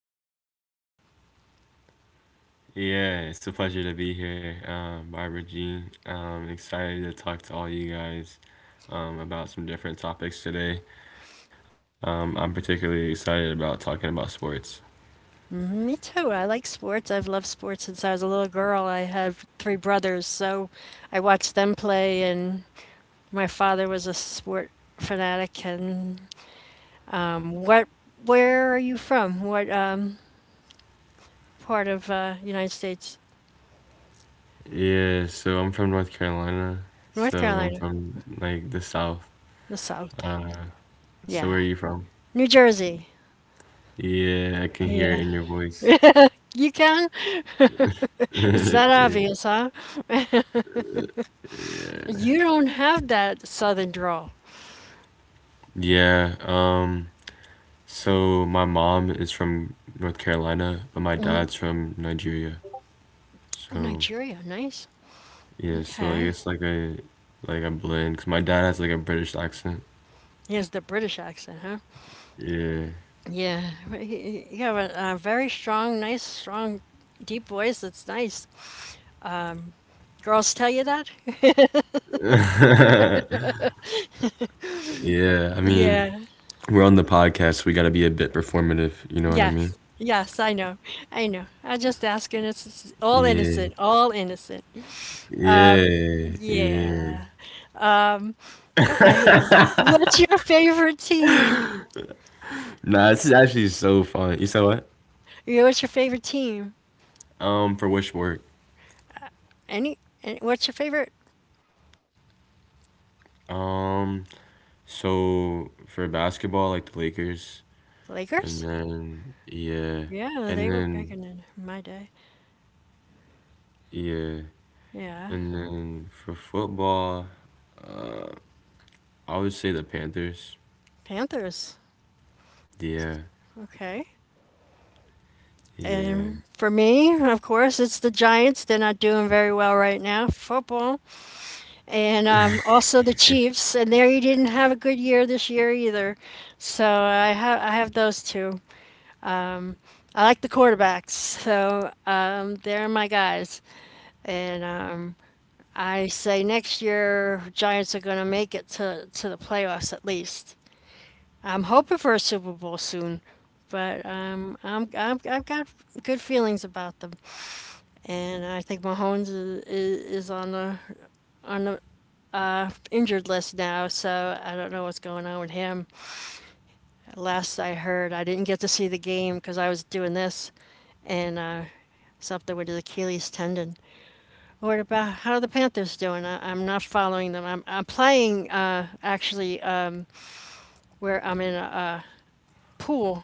the show, Joe. Yeah, it's a pleasure to be here, Barbara G. Excited to talk to all you guys about some different topics today. I'm particularly excited about talking about sports. Mm-hmm. Me too. I like sports. I've loved sports since I was a little girl. I have three brothers, so I watched them play, and my father was a sport fanatic, Um, what, where are you from? What part of United States? Yeah, so I'm from North Carolina. So North I'm Carolina, from like the South. the South. So where are Yeah, you from? New Jersey. Yeah, I can hear it Yeah, in your voice. you can. It's that obvious, huh? You don't have that Southern drawl. Yeah, so my mom is from North Carolina, but my dad's from Nigeria. So Nigeria, nice. yeah, so I Okay. guess like I like I cause my dad has like a British accent. He has the British accent, huh? Yeah. Yeah, right, you have a very strong, nice, strong, deep voice. That's nice. Girls tell you that? Yeah, I mean, Yeah. we're on the podcast, we gotta be a bit performative, you know what I mean? Yes. Yes, I know. I know. I just asking. It's all Yeah. innocent. All innocent. Um, Yeah. Yeah. yeah. Um, okay. What's your favorite team? Nah, this is actually so fun. You said what? Yeah, what's your favorite team? For which sport? Any, what's your favorite? Um, so for basketball, like the Lakers, and Lakers? then yeah, Yeah, and they were big then in my day. yeah, Yeah. and then for football, I would say the Panthers. Panthers. Yeah. Okay. Yeah. And for me, of course, it's the Giants. They're not doing very well right now. Football. And also the Chiefs, and they didn't have a good year this year either. So I have those two. Um, I like the quarterbacks, so they're my guys, and I say next year Giants are going to make it to the playoffs at least. I'm hoping for a Super Bowl soon. But I've got good feelings about them, and I think Mahomes is on the on the injured list now, so I don't know what's going on with him. Last I heard, I didn't get to see the game because I was doing this, and something with his Achilles tendon. What about, how are the Panthers doing? I'm not following them. I'm playing, actually, where I'm in a pool,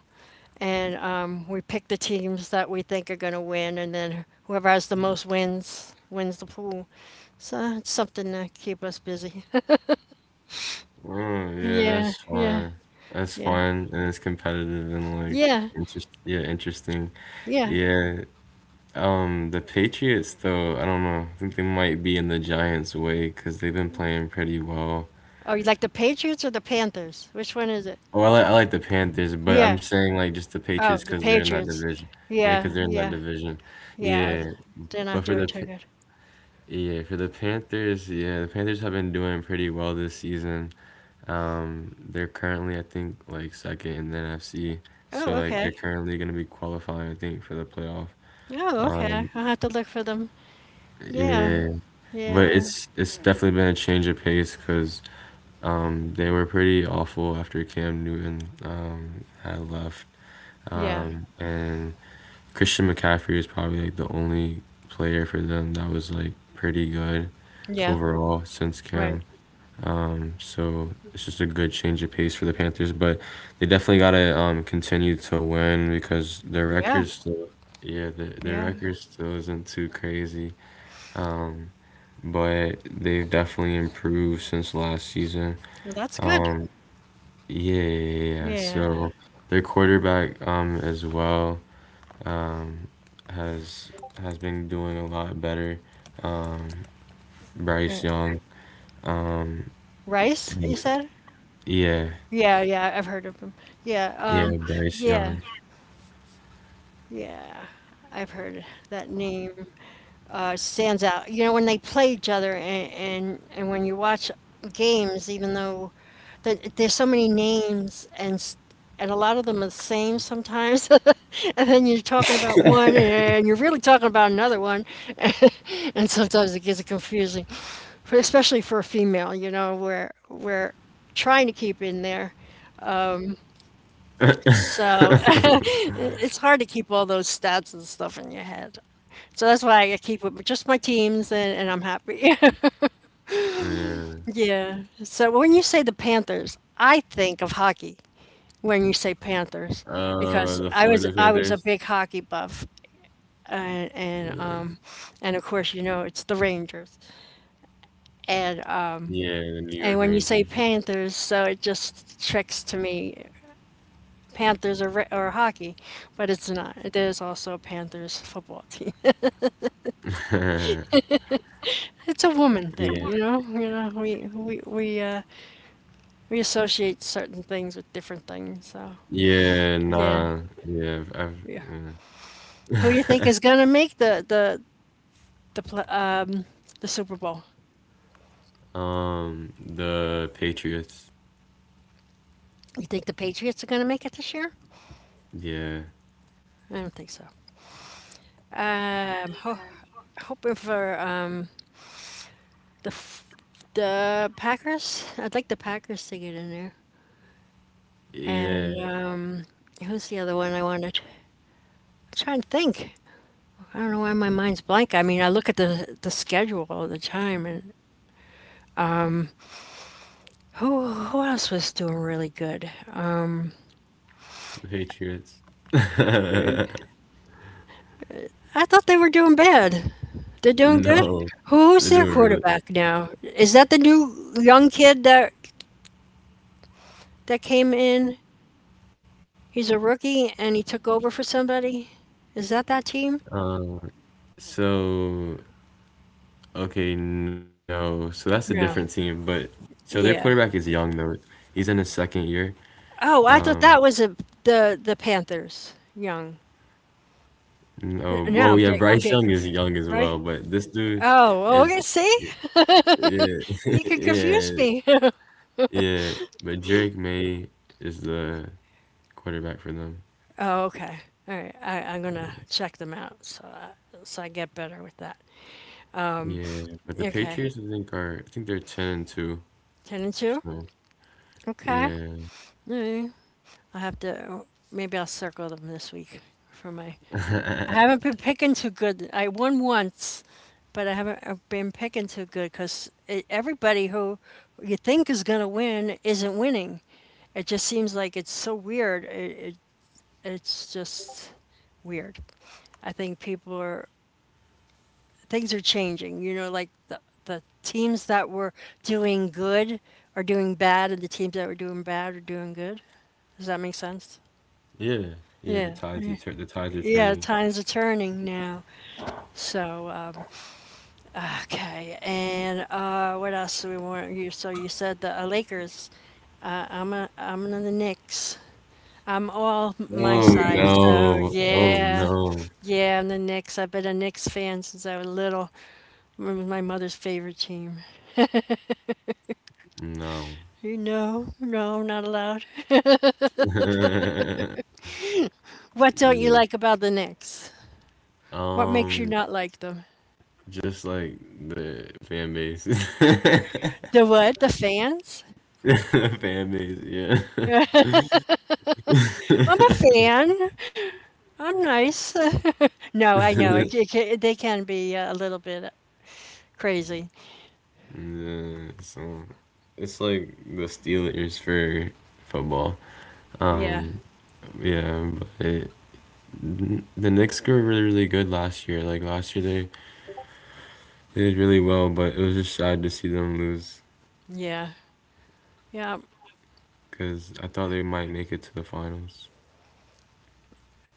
and we pick the teams that we think are going to win, and then whoever has the most wins wins the pool. So it's something to keep us busy. Oh, yeah, Yeah, that's yeah, fun. That's yeah, fun and it's competitive and like yeah. interest, yeah, interesting. Yeah. Yeah. The Patriots though, I don't know. I think they might be in the Giants way because 'cause they've been playing pretty well. Oh, you like the Patriots or the Panthers? Which one is it? Oh, I like the Panthers, but I'm Yeah. saying like just the Oh, Patriots the because 'cause they're in that Patriots. division. Yeah, because 'cause Yeah, they're in that yeah, division. yeah. Yeah. They're not But for doing the too Pa- good. Yeah, for the Panthers, yeah, the Panthers have been doing pretty well this season. They're currently, I think, like second in the NFC. So Oh, like okay. they're currently gonna be qualifying, I think, for the playoff. Oh, okay. Um, I'll have to look for them. Yeah, yeah, but yeah, it's definitely been a change of pace because they were pretty awful after Cam Newton had left, yeah, and Christian McCaffrey is probably like the only player for them that was like pretty good yeah. overall since Right. Cam. So it's just a good change of pace for the Panthers, but they definitely gotta continue to win because Yeah, yeah, their yeah. record still isn't too crazy. Um, but they've definitely improved since last season. Well, that's good. Um, yeah, yeah, yeah, yeah. Yeah. So their quarterback as well um, has has been doing a lot better. Um, Uh, Bryce Young. Rice, you said? Yeah, Yeah, yeah. I've heard of him. Yeah. yeah, Bryce Yeah, Young. yeah. I've heard that name. Stands out. You know, when they play each other, and when you watch games, even though that there's so many names, and a lot of them are the same sometimes, and then you're talking about one and you're really talking about another one, and sometimes it gets confusing, especially for a female. You know, where we're trying to keep in there. So it's hard to keep all those stats and stuff in your head. So that's why I keep it with just my teams, and I'm happy. Yeah. Yeah. So when you say the Panthers, I think of hockey. When you say Panthers, The because Florida I was I Panthers. was a big hockey buff, and Yeah. and um and of course it's the Rangers. And uh Yeah, the New York and when you Rangers. say Panthers, so it just tricks to me, Panthers are or hockey, but it's not. There's also a Panthers football team. yeah. It's a woman thing. You know, we associate certain things with different things. So Yeah, yeah, nah. Yeah, I've yeah. uh, Who do you think is gonna make the pl- um the Super Bowl? The Patriots. You think the Patriots are gonna make it this year? Yeah. I don't think so. Um, ho- Hoping for the f- the Packers. I'd like the Packers to get in there. Yeah. And who's the other one I wanted? I'm trying to think. I don't know why my mind's blank. I mean, I look at the schedule all the time, and who else was doing really good? The Patriots. I thought they were doing bad. They're doing good? no. Who's They're their doing really quarterback now? Is that the new young kid that came in? He's a rookie and he took over for somebody? Is that that team? um so okay, no. So that's a different No. team, but so their quarterback Yeah. is young though. He's in his second year. Oh, I thought Um that was a, the Panthers. Young. N- No. Now Oh I'm yeah, getting I'm Bryce getting Young is confused. young as well, Right? but this dude Oh, okay. is See, yeah, you can confuse yeah, me. yeah. But Drake May is the quarterback for them. Oh, okay. All right. I'm gonna check them out, so I get better with that. Um. Yeah, but the Okay. Patriots, I think they're 10-2. 10-2. So Okay. yeah, Mm, I have to. Maybe I'll circle them this week, for my. I haven't been picking too good. I won once, but I haven't been picking too good, because everybody who you think is going to win isn't winning. It just seems like it's so weird. It's just weird. I think people are things are changing. You know, like the teams that were doing good are doing bad, and the teams that were doing bad are doing good. Does that make sense? yeah, yeah. Yeah. The tides are Yeah, turning. times are turning now. So, okay. And what else do we want? You so you said the Lakers. I'm on the Knicks. I'm all my Oh side. So no! Oh yeah, no! yeah, I'm the Knicks. I've been a Knicks fan since I was little. It was my mother's favorite team. No. You know, no, not allowed. What don't you Mm. like about the Knicks? What makes you Um, not like them? just like the fan base, the The what? The fans? fan base. Yeah. I'm a fan. I'm nice. No, I know, it ca ca they can be a little bit crazy. Yeah, so it's like the Steelers for football. Yeah, Um, yeah, the Knicks were really, really good last year. Like last year, they did really well, but it was just sad to see them lose yeah, yeah, because I thought they might make it to the finals.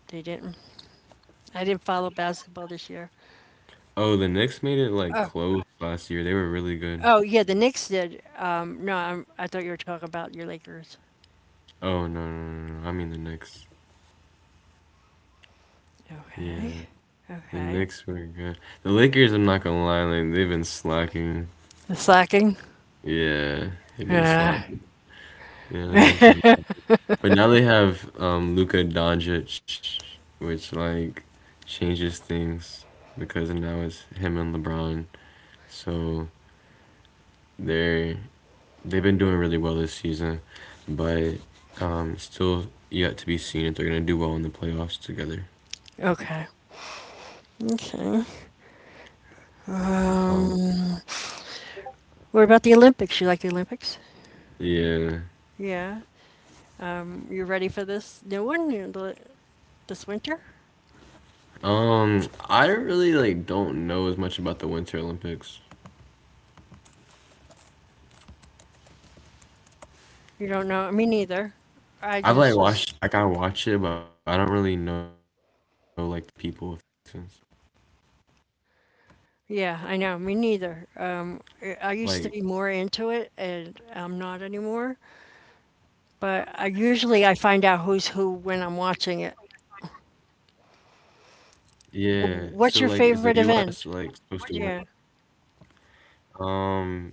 they didn't. I didn't follow basketball this year. Oh, the Knicks made it like Oh, close last year. They were really good. oh, yeah, the Knicks did. No, I thought you were talking about your Lakers. Oh no, no, no, no. I mean the Knicks. Okay, Yeah, the okay. Knicks were good. The Lakers, I'm not gonna lie, like they've been slacking. The slacking? Yeah, they've been Yeah, slacking. Yeah, they've been kind of. But now they have Luka Doncic, which like changes things because now it's him and LeBron. So they're they've been doing really well this season, but still yet to be seen if they're gonna do well in the playoffs together. okay, okay. Oh Um, what about the Olympics? You like the Olympics? yeah. Yeah. You ready for this new one, this winter? Um, I really like don't know as much about the Winter Olympics. You don't know? Me neither. I I've like just was. watched, like I watch it, but I don't really know like the people of sense. Yeah, I know. Me neither. Like I used to be more into it, and I'm not anymore. But I usually, I find out who's who when I'm watching it. yeah. So like W- is the What's your US favorite like event? supposed to win? Yeah, Um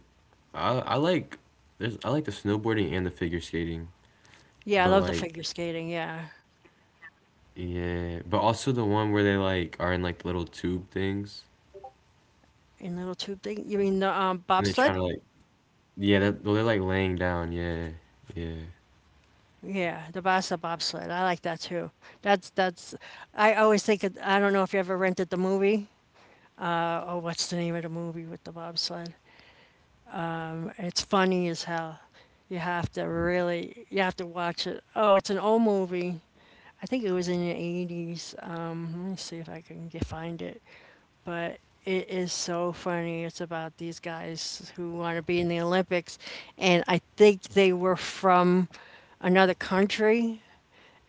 I like there's I like the snowboarding and the figure skating, but yeah, I love the like figure skating. Yeah, yeah, but also the one where they like are in like little tube things in little tube thing. You mean the and they're trying bobsled? to like yeah, that well, they're like laying down. Yeah. Yeah. Yeah, the Bassa bobsled. I like that too. That's that's. I always think of, I don't know if you ever rented the movie. Oh, what's the name of the movie with the bobsled? It's funny as hell. You have to really, you have to watch it. Oh, it's an old movie. I think it was in the 80s. Let me see if I can find it. But it is so funny. It's about these guys who want to be in the Olympics, and I think they were from another country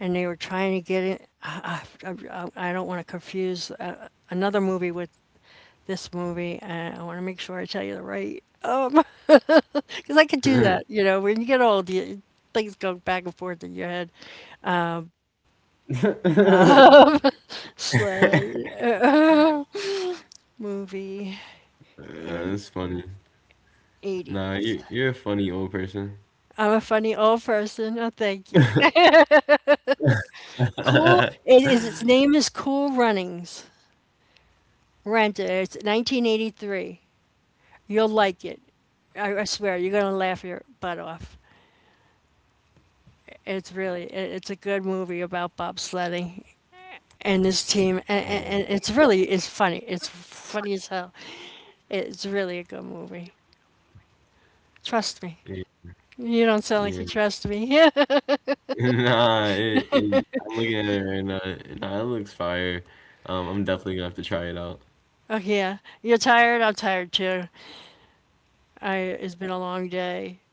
and they were trying to get it. I don't want to confuse another movie with this movie. And I want to make sure I tell you the right. Because I could do that, when you get old, things go back and forth in your head. Sled, movie, in that's funny. Nah, 80s. you you're a funny old person. I'm a funny old person. Oh, thank you. Cool. It is. Its name is Cool Runnings. Rent it. It's 1983. You'll like it. I swear, you're gonna laugh your butt off. It's really. It's a good movie about bobsledding and this team, and, and, Um, and it's really. It's funny. It's funny as hell. It's really a good movie. Trust yeah, me. You don't sound yeah. like you trust me. Nah, it, I'm looking at it right now. Nah, it looks fire. I'm definitely gonna have to try it out. Okay, yeah. You're tired? I'm tired too. I it's been a long day.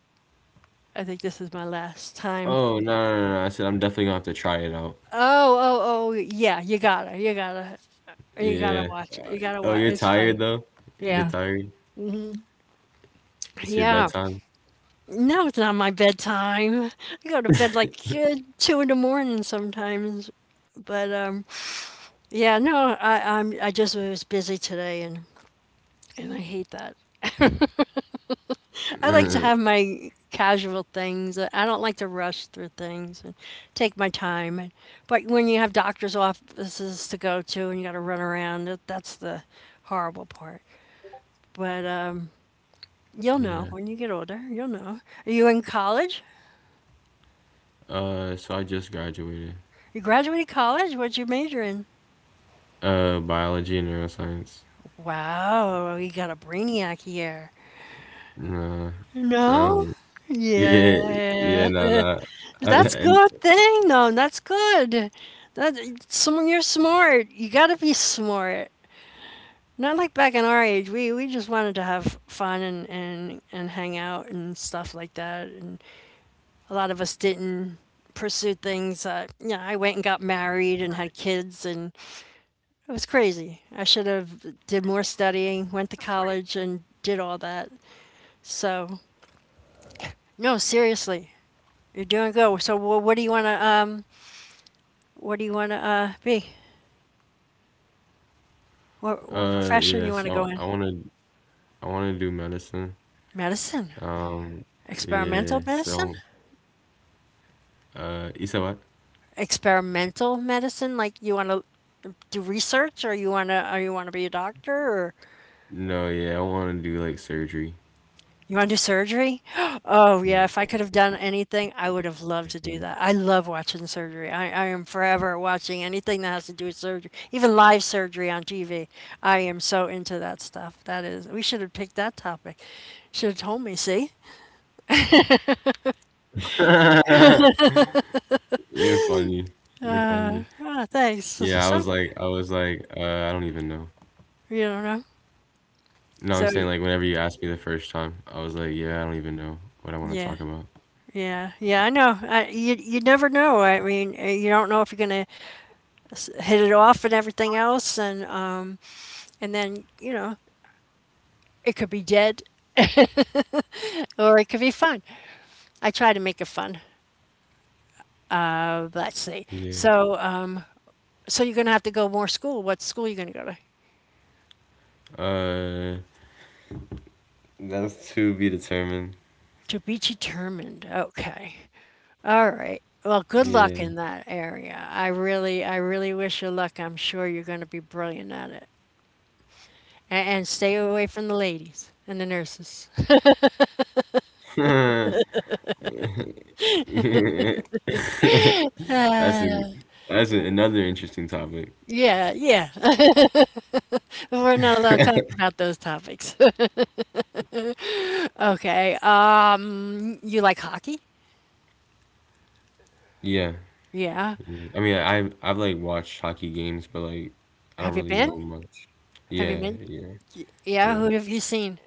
I think this is my last time. Oh, no, no, no, no, I said I'm definitely gonna have to try it out. Oh, oh, oh, yeah, you gotta Yeah. watch it. You gotta Oh, watch. you're It's tired funny. though? You're Yeah. tired? It's your Yeah. bedtime? No, it's not my bedtime. I go to bed like 2 in the morning sometimes. But yeah, no, I just was busy today, and I hate that. I like to have my casual things. I don't like to rush through things and take my time. But when you have doctor's offices to go to and you got to run around, that's the horrible part. But you'll know Yeah. when you get older. You'll know. Are you in college? So I just graduated. You graduated college? What'd you major in? Biology and neuroscience. Wow, you got a brainiac here. Nah. No? Um, yeah, yeah, Yeah. nah, nah. I, That's I, good thing though, that's good. That someone, you're smart. You gotta be smart. Not like back in our age, we just wanted to have fun and hang out and stuff like that. And a lot of us didn't pursue things. Yeah, I went and got married and had kids, and it was crazy. I should have did more studying, went to college, and did all that. So no, seriously, you're doing good. So what do you wanna what do you wanna be? What yeah, profession you want to so go in? I wanna do medicine. Medicine. Um, Experimental yeah, medicine? so. You said what? Experimental medicine? Like you want to do research or you want to or you want to be a doctor or No, yeah, I want to do like surgery. you want to do surgery? Oh yeah, if I could have Yeah. done anything, I would have loved to do that. I love watching surgery. I am forever watching anything that has to do with surgery, even live surgery on TV. I am so into that stuff. That is, we should have picked that topic. Should have told me, see? You're funny. You're Ah, funny. thanks. Yeah, So, I don't even know. you don't know. So, No, I'm saying like whenever you asked me the first time, I was like, yeah, I don't even know what I want to yeah. talk about. Yeah, yeah, I know. I, you never know. I mean, you don't know if you're gonna hit it off and everything else, and then you know it could be dead or it could be fun. I try to make it fun. Let's see. Yeah. So so you're gonna have to go more school. What school you gonna go to? Uh, that's to be determined. To be determined. Okay. All Yeah. right. Well, good luck in that area. I really wish you luck. I'm sure you're going to be brilliant at it. And stay away from the ladies and the nurses. that's a that's another interesting topic. Yeah, yeah. We're not allowed to talk about those topics. Okay. You like hockey? Yeah. Yeah. Yeah. I mean, I've like watched hockey games, but like I don't Have you really been? know much. Have you Yeah, been? yeah, Yeah. yeah. Who have you seen?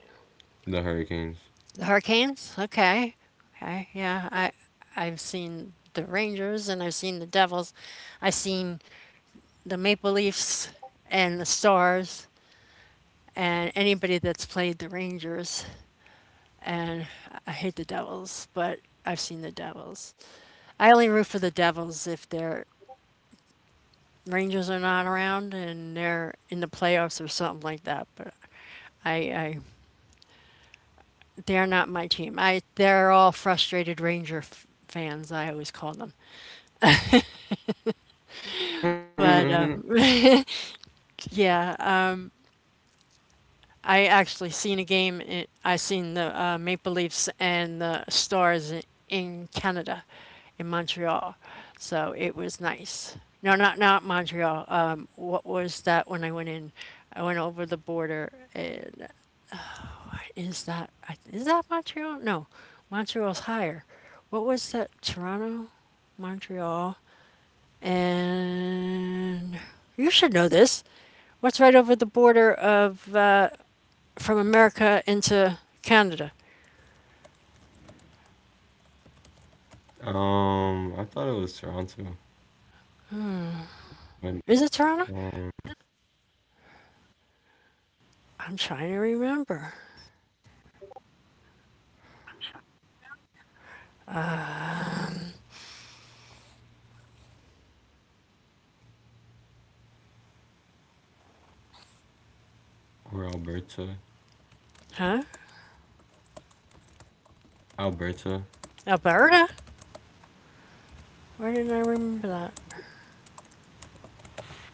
The Hurricanes. The Hurricanes? Okay. Okay. Yeah. I've seen the Rangers and I've seen the Devils. I've seen the Maple Leafs and the Stars and anybody that's played the Rangers. And I hate the Devils, but I've seen the Devils. I only root for the Devils if they're Rangers are not around and they're in the playoffs or something like that. But I they're not my team. I they're all frustrated Ranger fans. I always call them. um, But yeah, I actually seen a game. I seen the Maple Leafs and the Stars in Canada, in Montreal. So it was nice. No, not Montreal. What was that when I went in? I went over the border. Is that Montreal? No, Montreal's higher. What was that? Toronto, Montreal, and you should know this. What's right over the border of from America into Canada? I thought it was Toronto, but Is it Toronto? um, I'm trying to remember. or Alberta. Huh? Alberta. Alberta? Why didn't I remember that?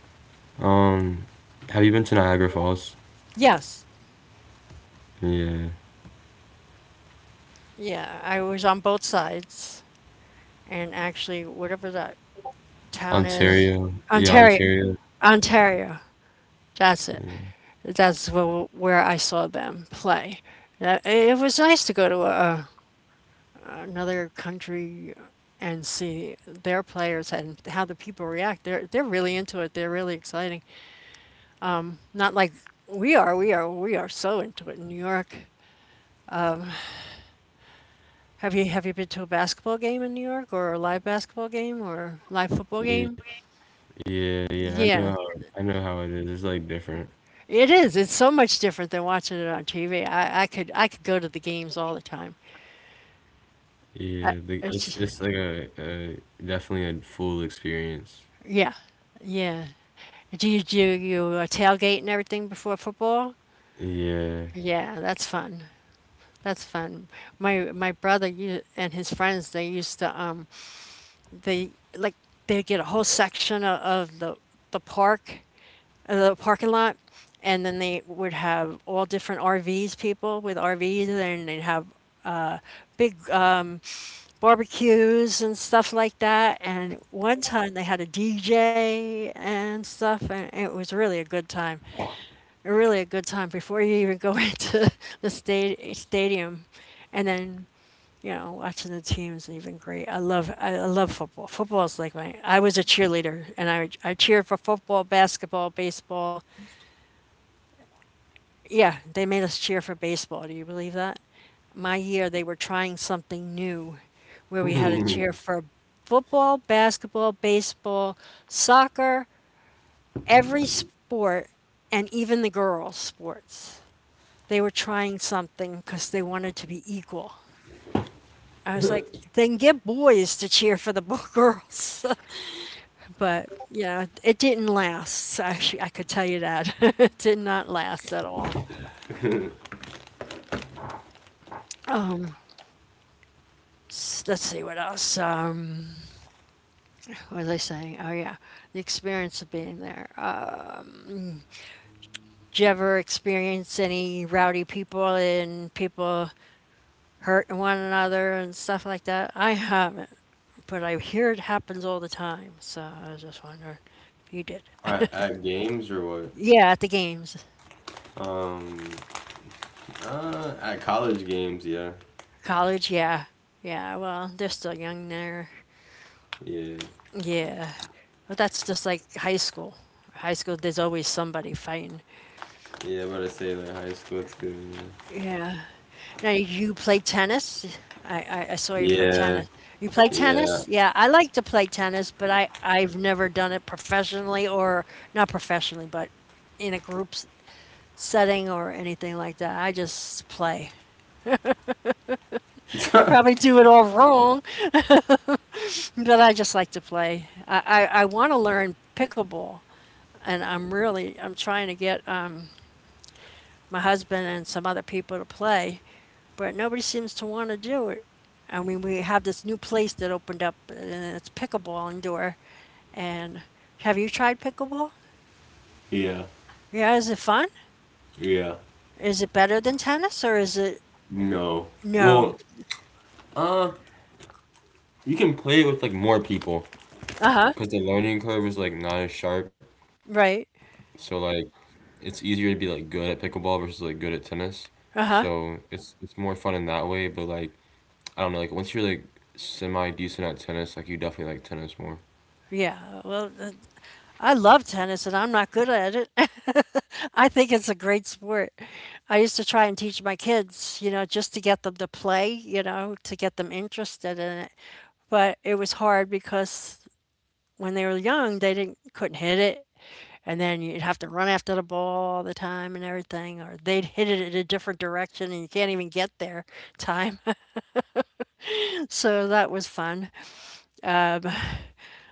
Um, have you been to Niagara Falls? Yes. Yeah. Yeah, I was on both sides, and actually, whatever that town is, Ontario. Yeah, Ontario, Ontario. Ontario. That's it. Yeah. That's where I saw them play. It was nice to go to another country and see their players and how the people react. They're really into it. They're really exciting. Not like we are. We are so into it in New York. Have you been to a basketball game in New York or a live basketball game or live football Yeah, game? yeah, yeah. Yeah, I know how it is. It's like different. it is. It's so much different than watching it on TV. I could go to the games all the time. I, Yeah, it's it's like a definitely a full experience. yeah, yeah. Do you tailgate and everything before football? Yeah. Yeah, that's fun. That's fun. My brother you and his friends they used to they like they get a whole section of the park the parking lot and then they would have all different RVs people with RVs and they'd have uh big barbecues and stuff like that and one time they had a DJ and stuff and it was really a good time. Really a good time before you even go into the stadium, and then you know watching the teams is even great. I love football. Football is like my. I was a cheerleader, and I cheered for football, basketball, baseball. Yeah, they made us cheer for baseball. Do you believe that? My year, they were trying something new, where we had to cheer for football, basketball, baseball, soccer, every sport, and even the girls' sports. They were trying something because they wanted to be equal. I was like, then get boys to cheer for the girls. But, you know, it didn't last. So, actually, I could tell you that. It did not last at all. Let's see what else. What was I saying? Oh, yeah. The experience of being there. Did you ever experience any rowdy people and people hurting one another and stuff like that? I haven't, but I hear it happens all the time. So I was just wondering if you did. At games or what? Yeah, at the games. Um, at college games, yeah, College, yeah. Yeah, well, they're still young there. yeah, Yeah. But that's just like high school. High school, there's always somebody fighting. yeah. But I say like high school too. Yeah. Now, you play tennis? I saw you put Yeah, tennis. You play yeah, tennis? Yeah, I like to play tennis, but I've never done it professionally or not professionally, but in a group setting or anything like that. I just play. I yeah, probably do it all wrong. But I just like to play. I want to learn pickleball, and I'm trying to get my husband and some other people to play, but nobody seems to want to do it. I mean, we have this new place that opened up, and it's pickleball indoor. And have you tried pickleball? yeah, Yeah, is it fun? yeah. Is it better than tennis, or is it No. no? Well, you can play with like more people Uh huh. because the learning curve is like not as sharp. Right. So like it's easier to be like good at pickleball versus like good at tennis. Uh So huh. It's more fun in that way, but like I don't know, like once you're like semi decent at tennis, like you definitely like tennis more. Yeah. Well, I love tennis and I'm not good at it. I think it's a great sport. I used to try and teach my kids, you know, just to get them to play, you know, to get them interested in it. But it was hard because when they were young, they didn't couldn't hit it. And then you'd have to run after the ball all the time and everything, or they'd hit it in a different direction and you can't even get there time. So that was fun. Um,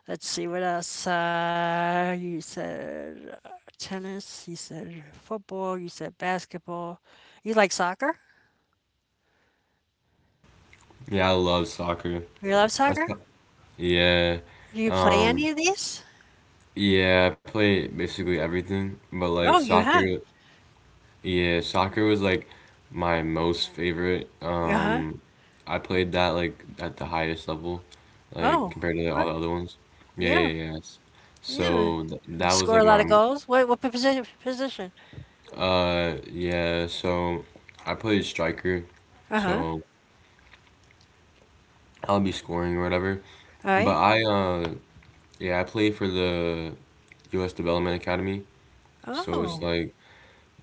Let's see what else. You said tennis. You said football. You said basketball. You like soccer? Yeah, I love soccer. You love That's soccer? pro- yeah. Do you play Um any of these? yeah, I play basically everything, but like Oh, you soccer. have. Yeah, soccer was like my most favorite. Uh huh. I played that like at the highest level, like Oh, compared to all good. the other ones. Yeah, Yeah, yeah, yeah. Yeah. So th You that was score like a lot of my goals. What position? Position. Yeah, so I played striker. Uh huh. So I'll be scoring or whatever. All But right. I yeah, I played for the US Development Academy. So it's Oh, like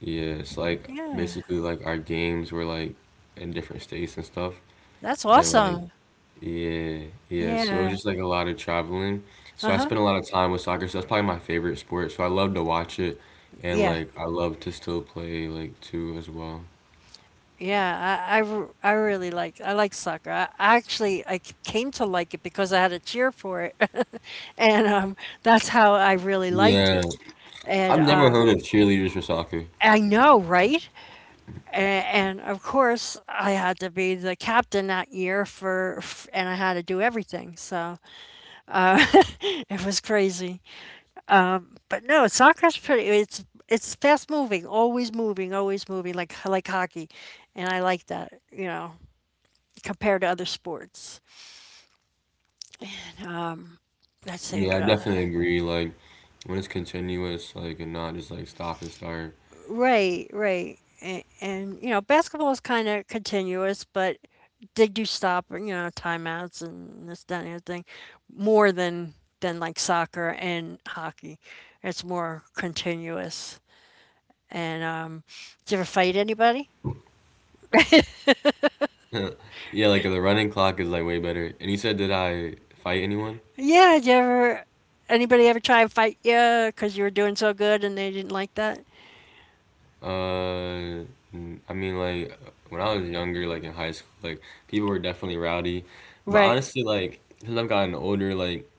yeah, it's like yeah. basically like our games were like in different states and stuff. That's And like awesome. yeah, yeah. So it was Yeah. just like a lot of traveling. Uh So I huh. spent a lot of time with soccer. So that's probably my favorite sport. So I love to watch it, and Yeah. like I love to still play like too as well. Yeah, I really like I like soccer. I actually I came to like it because I had a cheer for it, and that's how I really liked Yeah, it. And I've never heard of cheerleaders for soccer. I know, right? And of course, I had to be the captain that year for, f and I had to do everything. So uh, it was crazy. But no, soccer's pretty. It's fast moving, always moving, always moving, like hockey, and I like that. You know, compared to other sports. Um, let's see Yeah, I what else. definitely agree. Like when it's continuous, like and not just like stop and start. Right, right. And you know, basketball is kind of continuous, but they do stop, you know, timeouts and this, that, and everything more than like soccer and hockey. It's more continuous. And did you ever fight anybody? Yeah, like the running clock is like way better. And you said, did I fight anyone? Yeah, did you ever anybody ever try and fight you because you were doing so good and they didn't like that? Uh, mm, I mean, like when I was younger, like in high school, like people were definitely rowdy. But Right. honestly, like since I've gotten older, like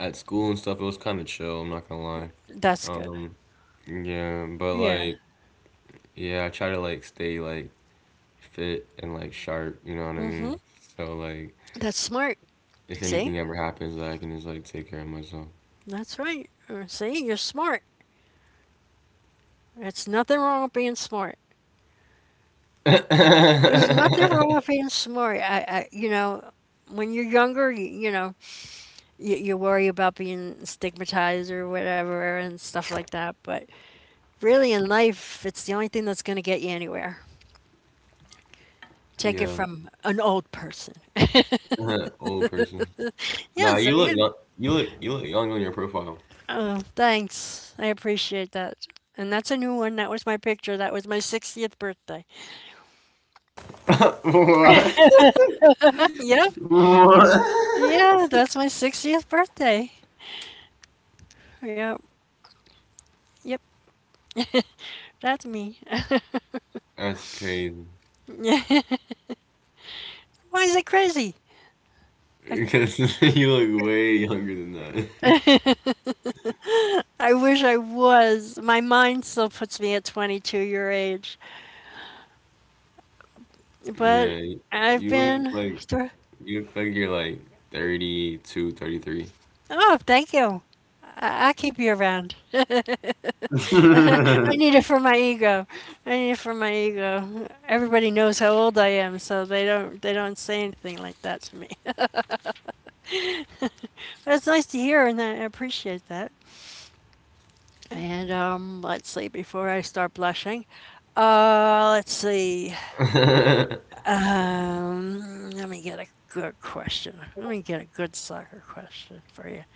at school and stuff, it was kind of chill. I'm not gonna lie. That's good. Um, yeah, but Yeah. like yeah, I try to like stay like fit and like sharp. You know what I Hmm. mean? So like, That's smart. if See? anything ever happens, I can just like take care of myself. That's right. See, you're smart. It's nothing wrong with being smart. There's nothing wrong with being smart. I you know, when you're younger, you know, you worry about being stigmatized or whatever and stuff like that. But really, in life, it's the only thing that's going to get you anywhere. Take it Yeah, from an old person. old person. Nah, Yes, I you look am. young. You look young on your profile. Oh, thanks. I appreciate that. And that's a new one. That was my picture. That was my 60th birthday. What? Yep. What? Yeah, that's my 60th birthday. Yep. Yep, that's me. That's crazy. Yeah. Why is it crazy? I, Because you look way younger than that. I wish I was. My mind still puts me at 22 your age. Yeah, But I've you look been like through. you look like you're like 32, 33. Oh, thank you. I keep you around. I need it for my ego. I need it for my ego. Everybody knows how old I am, so they don't say anything like that to me. But it's nice to hear, and I appreciate that. And let's see. Before I start blushing, let's see. Let me get a good question. Let me get a good soccer question for you.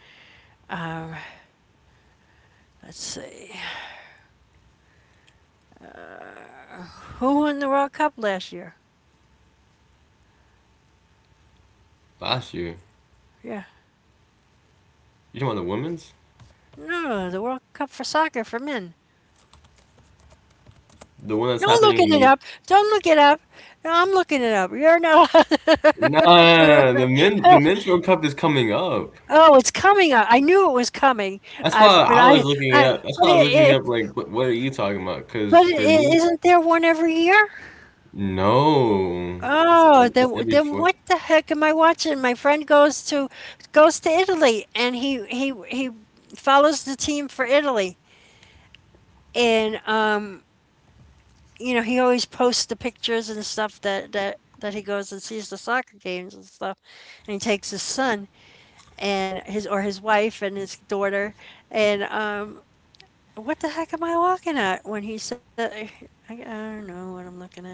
Um, let's see. Who won the World Cup last year? Last year. Yeah. You talking about the women's? No, the World Cup for soccer for men. The one that's Don't happening look in the it U- up. Don't look it up. No, I'm looking it up. You're not. Nah, nah, the men's World Cup is coming up. Oh, it's coming up. I knew it was coming. That's why I, but I I, was looking it I, up. That's but why I it, was looking it, up like what are you talking about? but Because for it, me, isn't there one every year? no, Oh, then it's every then four. what the heck am I watching? My friend goes to Italy and he follows the team for Italy. And he always posts the pictures and stuff that he goes and sees the soccer games and stuff. And he takes his son and his or his wife and his daughter and what the heck am I looking at when he said I don't know what I'm looking at.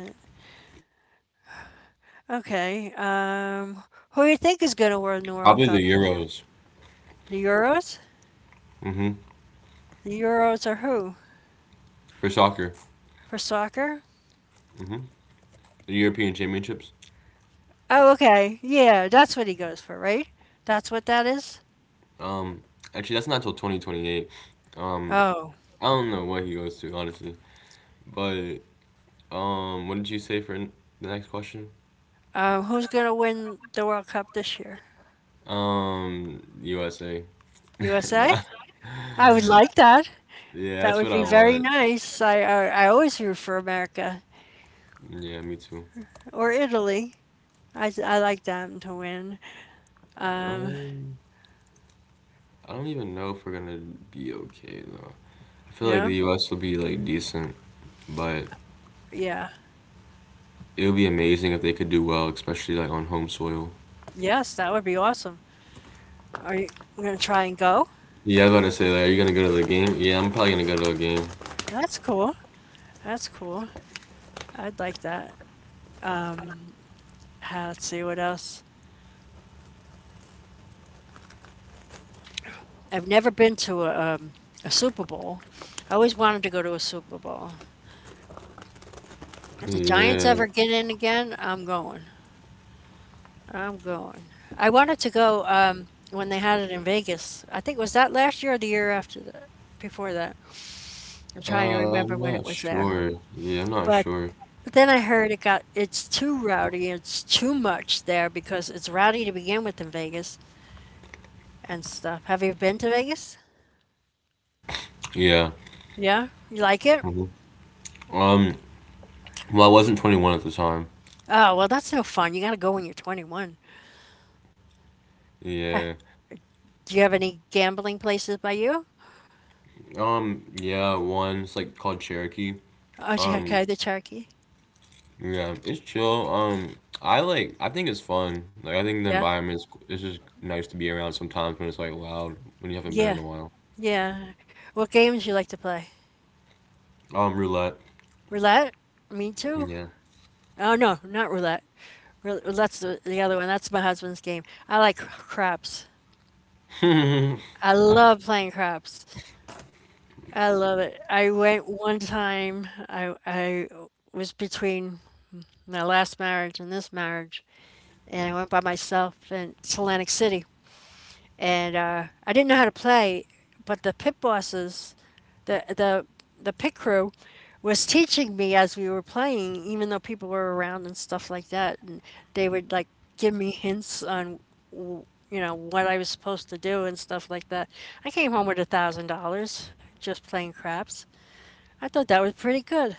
Okay. Who do you think is going to win the World Probably the Cup this year? Euros. The Euros? Hmm. The Euros are who? For soccer. For soccer? Mm-hmm. The European Championships. Oh, okay. Yeah, that's what he goes for, right? That's what that is? Um, actually, that's not till 2028. Um, Oh. I don't know what he goes to honestly, but what did you say for the next question? Who's going to win the World Cup this year? USA. USA? nah. I would like that. Yeah, That that's would what I be very want. nice. I always root for America Yeah, me too. or Italy. I like them to win. Um, Um, I don't even know if we're gonna be okay though. I you feel like know? the U.S. will be like decent, but Yeah. it would be amazing if they could do well, especially like on home soil. Yes, that would be awesome. Are you going to try and go? Yeah, I was about to say like, are you gonna go to the game? Yeah, I'm probably gonna go to a game. That's cool. That's cool. I'd like that. Ah, let's see what else. I've never been to a Super Bowl. I always wanted to go to a Super Bowl. If the Giants Yeah, ever get in again, I'm going. I'm going. I wanted to go when they had it in Vegas. I think was that last year or the year after that, before that. I'm trying to I'm remember when not it was there. sure. Yeah, I'm not But sure. Then I heard it got it's too rowdy. It's too much there because it's rowdy to begin with in Vegas and stuff. Have you been to Vegas? Yeah. Yeah, you like it? Hmm. Um, well, I wasn't 21 at the time. Oh well, that's no fun. You got to go when you're 21. Yeah. Do you have any gambling places by you? Yeah, one, it's like called Cherokee. Oh, Um, okay, the Cherokee. yeah, it's chill. I think it's fun. Like, I think the Yeah, environment, it's just nice to be around sometimes when it's like loud, when you haven't been in a yeah, while. yeah. What games you like to play? Roulette. Roulette? Me too. Yeah. Oh no, not roulette. Roulette's the other one. That's my husband's game. I like craps. I love playing craps. I love it. I went one time. I was between my last marriage and this marriage, and I went by myself in to Atlantic City. And I didn't know how to play, but the pit bosses, the the the pit crew, was teaching me as we were playing, even though people were around and stuff like that, and they would like give me hints on you know what I was supposed to do and stuff like that. I came home with $1,000 just playing craps. I thought that was pretty good.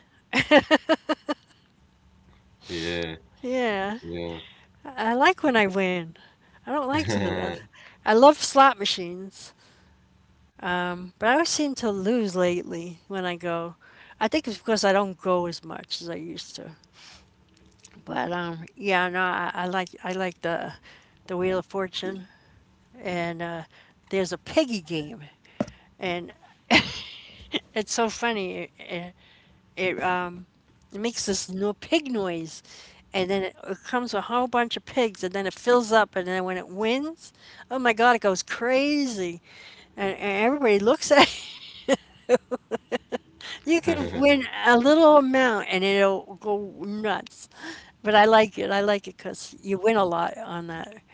Yeah. Yeah, Yeah. I like when I win. I don't like to lose. I love slot machines. But I always seem to lose lately when I go. I think it's because I don't go as much as I used to. But yeah, no, I like the Wheel of Fortune, and there's a Peggy game, and it's so funny. It it makes this no pig noise, and it comes with a whole bunch of pigs, and then it fills up, and then when it wins, oh my God, it goes crazy, and, everybody looks at. You could win a little amount and it'll go nuts. But I like it. I like it because you win a lot on that.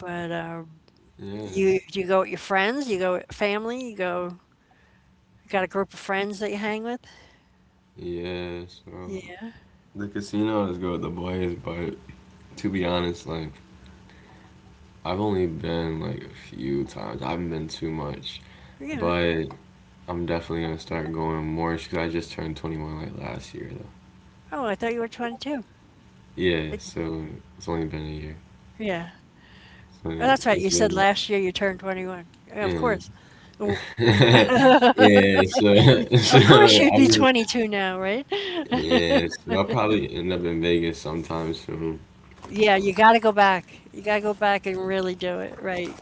But Yeah. you, do you go with your friends? You go with family? You go? You got a group of friends that you hang with? Yeah. So, Yeah, the casino is good with the boys, but to be honest, like I've only been like a few times. I haven't been too much, yeah. but I'm definitely gonna start going more because I just turned 21 like last year though. Oh, I thought you were 22. I Yeah, d- so it's only been a year. Yeah. So Well, yeah, that's right. You it's said been like, last year you turned 21. Yeah, of yeah, course. W- yeah. So, so Of course you'd I be just, 22 now, right? yeah. So I'll probably end up in Vegas sometime soon. Yeah, you got to go back. You got to go back and really do it, right?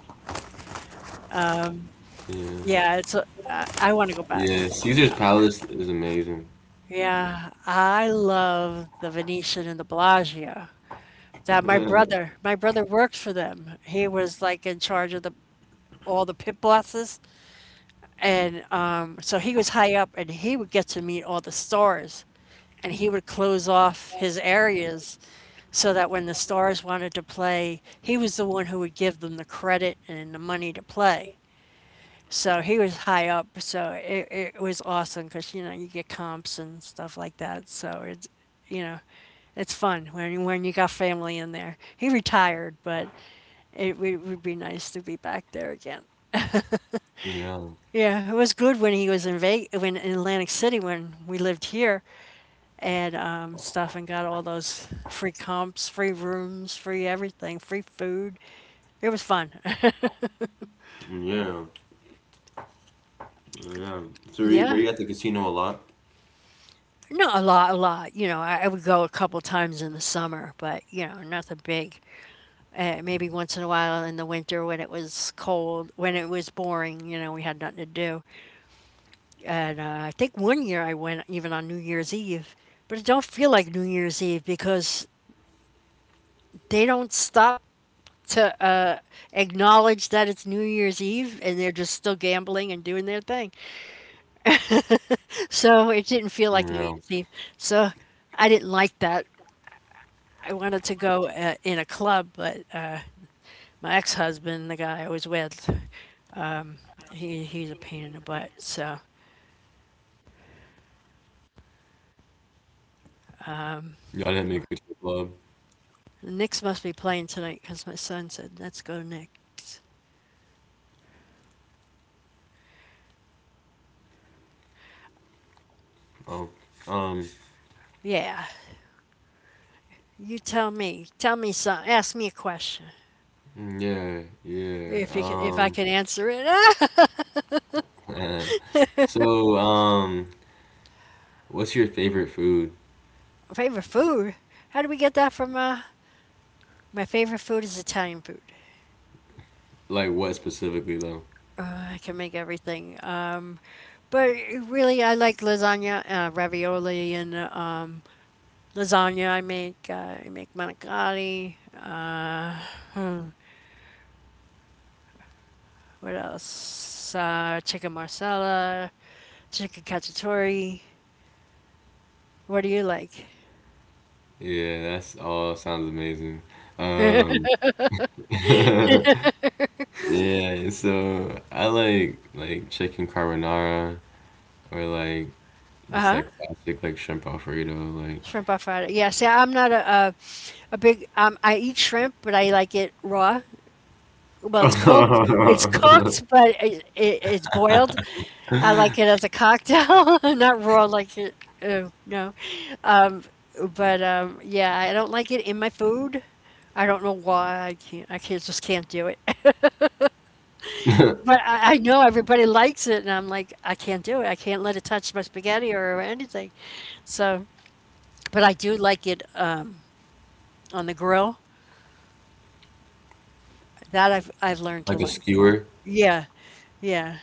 Yeah, Yeah, it's a, I want to go yeah. back. Caesar's Palace is amazing. Yeah, I love the Venetian and the Bellagio. That my brother worked for them. He was like in charge of the all the pit bosses, and so he was high up, and he would get to meet all the stars, and he would close off his areas so that when the stars wanted to play, he was the one who would give them the credit and the money to play. So he was high up, so it was awesome because you know you get comps and stuff like that. So it's you know, it's fun when you got family in there. He retired, but w would be nice to be back there again. Yeah, Yeah, it was good when he was in Ve when in Atlantic City when we lived here and stuff and got all those free comps, free rooms, free everything, free food. It was fun. yeah. Yeah. So were you, were Yeah. you at the casino a lot? Not a lot, a lot. You know, I would go a couple times in the summer, but you know, nothing big. Maybe once in a while in the winter when it was cold, when it was boring. You know, we had nothing to do. And I think 1 year I went even on New Year's Eve, but it don't feel like New Year's Eve because they don't stop to acknowledge that it's New Year's Eve and they're just still gambling and doing their thing. So it didn't feel like Yeah. New Year's Eve. So I didn't like that. I wanted to go in a club, but my ex-husband, the guy I was with, he's a pain in the butt. So Yeah, I didn't make it to the club. the Knicks must be playing tonight because my son said, "Let's go Knicks." Oh. Um. Yeah, you tell me. Tell me some. Ask me a question. Yeah. Yeah. If you can, if I can answer it. Eh. So What's your favorite food? Favorite food? How do we get that from? My favorite food is Italian food. Like what specifically though? I can make everything. But really, I like lasagna, ravioli, and lasagna I make. I make manicotti. What else? Chicken marsala, chicken cacciatore. What do you like? Yeah, that's all. Sounds amazing. Um. Yeah. So I like chicken carbonara or like Uh just huh. like classic like shrimp alfredo Shrimp alfredo. Yeah. See, I'm not a big. I eat shrimp, but I like it raw. Well, it's cooked. It's cooked, but it's boiled. like. I like it as a cocktail, not raw like it. Uh, no, um, but yeah, I don't like it in my food. I don't know why. I can't. I can't. Just can't do it. But I know everybody likes it, and I'm like, I can't do it. I can't let it touch my spaghetti or anything. So, but I do like it on the grill. That I've learned to Like a like. skewer? Yeah, yeah,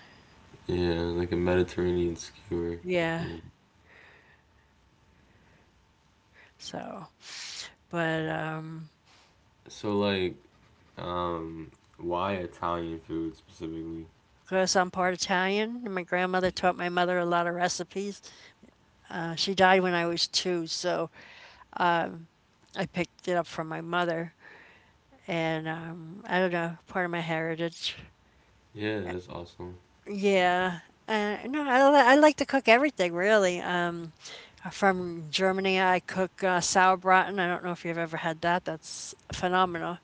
Yeah, like a Mediterranean skewer. Yeah. yeah. So. But So like, um, why Italian food specifically? because I'm part Italian, and my grandmother taught my mother a lot of recipes. She died when I was 2, so I picked it up from my mother. And I don't know, part of my heritage. Yeah, that's awesome. Yeah. No, I like to cook everything, really. From Germany, I cook sauerbraten. I don't know if you've ever had that. That's phenomenal.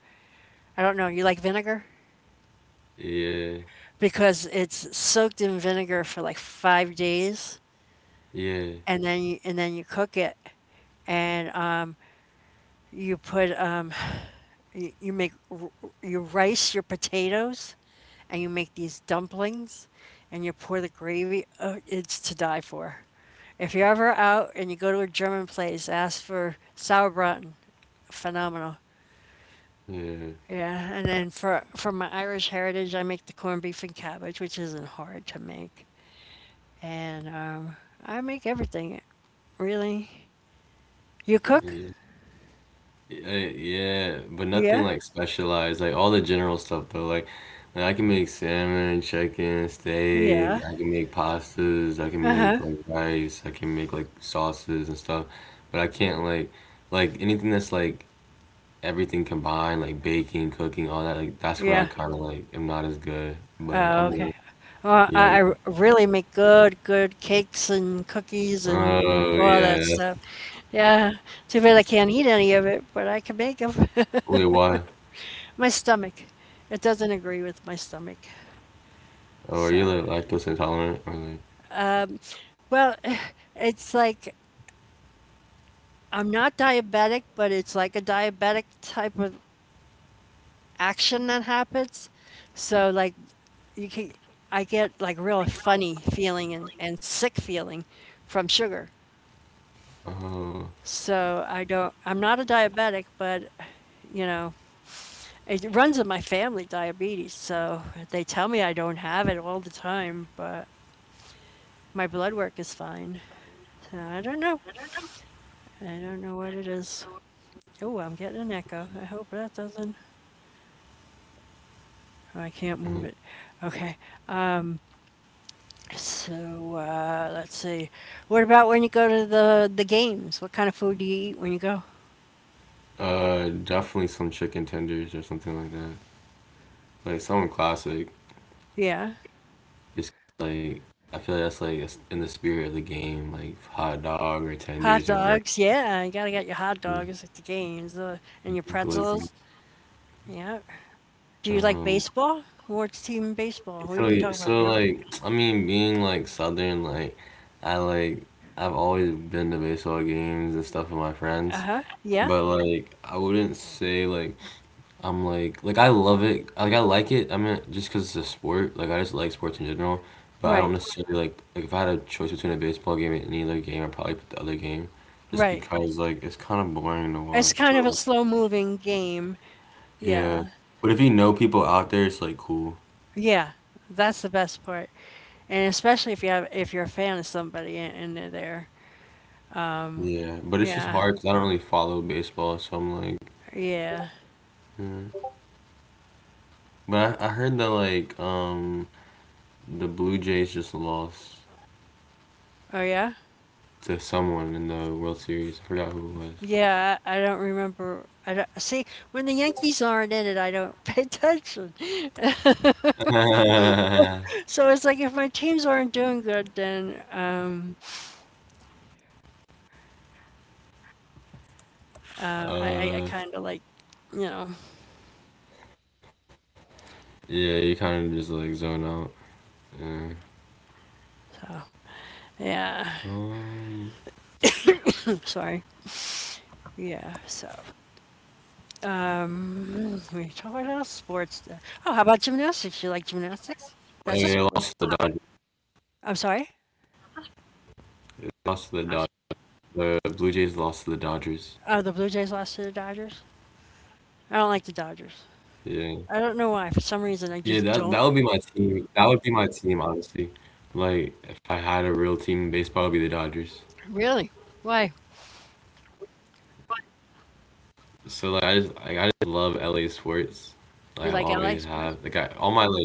I don't know. You like vinegar? Yeah, Because it's soaked in vinegar for like 5 days, yeah, and and then you cook it. And you put you make you rice your potatoes, and you make these dumplings, and you pour the gravy. Oh, it's to die for. If you're ever out and you go to a German place, ask for sauerbraten. Phenomenal. yeah, Yeah, and then for my Irish heritage, I make the corned beef and cabbage, which isn't hard to make, and I make everything really. You cook? yeah, yeah, yeah, but nothing Yeah, like specialized, like all the general stuff though. Like, I can make salmon, chicken, steak. yeah, I can make pastas. I can uh make huh, like rice. I can make like sauces and stuff, but I can't like anything that's like everything combined, like baking, cooking, all that, like that's where I yeah. kind of like am not as good. But Oh, I'm gonna, okay. Well, yeah. I really make good, good cakes and cookies and Oh all that yeah. Stuff. Yeah, too bad I can't eat any of it, but I can make them. Wait, why? My stomach, it doesn't agree with my stomach. Oh, are you So, like lactose intolerant or like? um, well, it's like I'm not diabetic, but it's like a diabetic type of action that happens. So, like, you can, I get like real funny feeling and, sick feeling from sugar. Oh, So I'm not a diabetic, but, you know, it runs in my family, diabetes, so they tell me I don't have it all the time, but my blood work is fine. So I don't know. I don't know what it is. Oh, I'm getting an echo. I hope that doesn't oh, I can't mhm. move it. Okay. Um, let's see. What about when you go to the games? What kind of food do you eat when you go? Definitely some chicken tenders or something like that. Like something classic. Yeah. Just like I feel that's like it's in the spirit of the game, like hot dog or tenders Hot or breakfast, dogs, yeah, you gotta get your hot dogs at the games, and your glizzy. pretzels. Yeah. Do you like Um, baseball? What's team baseball? We So didn't y- talk about so baseball. like I mean being like Southern like I like I've always been to baseball games and stuff with my friends, Uh-huh. Yeah. but like I wouldn't say like I'm like I love it like I like it I mean just because it's a sport like I just like sports in general, but I don't Right. necessarily like if I had a choice between a baseball game and any other game I'd probably pick the other game, just Right. because like it's kind of boring to It's watch. kind of But a like, slow-moving game. Yeah. yeah, but if you know people out there, it's like cool. Yeah. That's the best part. And especially if you're a fan of somebody and, they're there. Um, Yeah, but it's just yeah. hard 'cause I don't really follow baseball, so I'm like, Yeah. eh. But I heard that like the Blue Jays just lost Oh yeah. to someone in the World Series. I forgot who it Yeah, I don't remember. I don't, see, when the Yankees aren't in it, I don't pay attention. was. So it's like if my teams aren't doing good, then um Uh, I uh, I I kinda like, you know, yeah, you kind of just like zone out. Yeah. so yeah. Um, Sorry. Yeah, so we talk about sports the Oh, how about gymnastics? You like oh, yeah, they gymnastics? lost to the That's a Dodgers. sport. I'm sorry? Lost to the Dodgers. The Blue Jays lost to the Dodgers. Oh, the Blue Jays lost to the Dodgers? I don't like the Dodgers. Yeah, I don't know why. For yeah, some reason, that I that would be just my don't team. That would be my team, honestly. Like, if I had a real team in baseball, it would be the Dodgers. Really? Why? So like I just love LA sports. Like I You like always LA have, like, I sports? all my like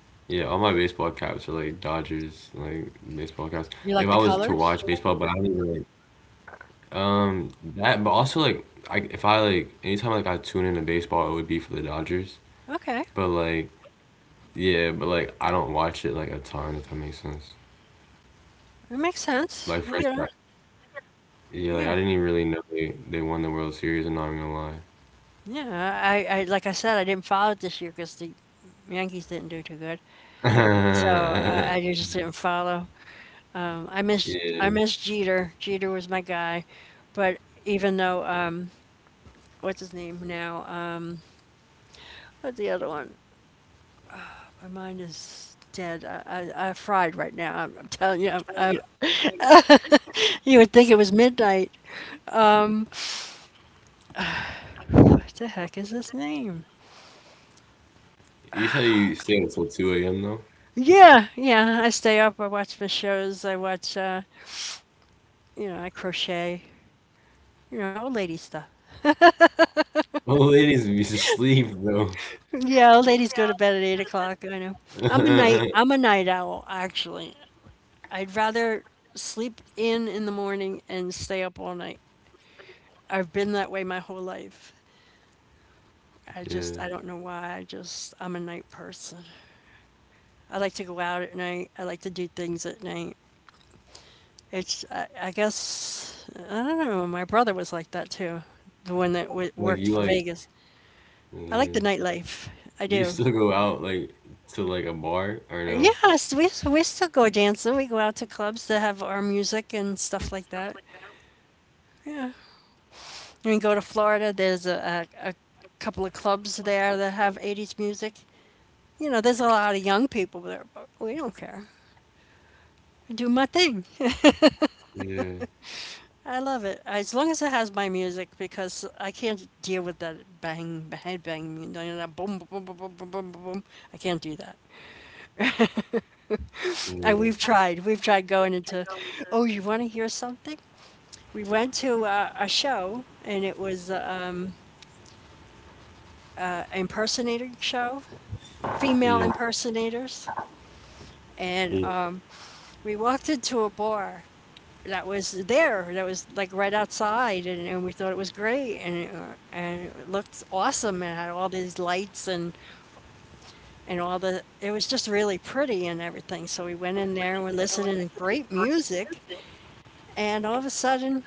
yeah all my baseball caps are like Dodgers, like baseball caps. Like if You I like the was to watch colors? baseball, but I don't even like um that. But also like I if I like anytime like I tune into baseball, it would be for the Dodgers. Okay. But like yeah, but like I don't watch it like a ton if that makes sense. It makes sense. Like for You know? instance, yeah, like I Yeah. didn't even really know they won the World Series. I'm not even gonna Yeah. I like I said, I didn't follow it this year because the Yankees didn't do too good. So lie. I just didn't follow. I missed I Yeah. missed Jeter. Jeter was my guy, but even though, what's his name now? What's the other one? My mind is dead. I fried right now. I'm telling you. I'm, you would think it was midnight. Um, what the heck is his name? You say you stay until 2 a.m. though? Yeah, yeah. I stay up. I watch my shows. I watch. You know, I crochet. You know, old lady stuff. Well, ladies be asleep though. Yeah, old ladies go to bed at 8 o'clock. I know. I'm a night owl. Actually, I'd rather sleep in the morning and stay up all night. I've been that way my whole life. I Yeah. just I don't know why. I just I'm a night person. I like to go out at night. I like to do things at night. I guess I don't know. My brother was like that too. The one that w Like worked you for like, Vegas. I like the yeah. nightlife. I Do you do. still go out like to like a bar or no? Yes, we still go dancing. We go out to clubs that have our music and stuff like that. Yeah. When we go to Florida, there's a couple of clubs there that have 80s music. You know, there's a lot of young people there, but we don't care. I do my thing. Yeah. I love it. As long as it has my music, because I can't deal with that bang, head bang, you know, that boom, boom, boom, boom, boom, boom, boom, boom. I can't do that. Yeah. We've tried. We've tried oh, you want to hear something? We went to a show, and it was an impersonator show, female Yeah. impersonators. And we walked into a bar that was there, that was like right outside, and, we thought it was great, and it looked awesome, and had all these lights and all the. It was just really pretty and everything. So we went in there and we're listening to great music, and all of a sudden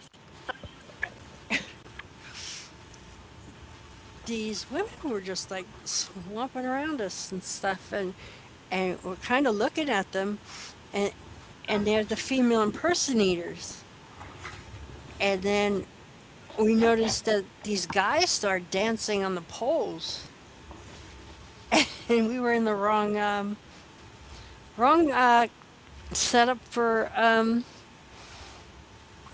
these women were just like swamping around us and stuff, and we're kind of looking at them and and they're the female impersonators and then we noticed that these guys start dancing on the poles and we were in the wrong setup for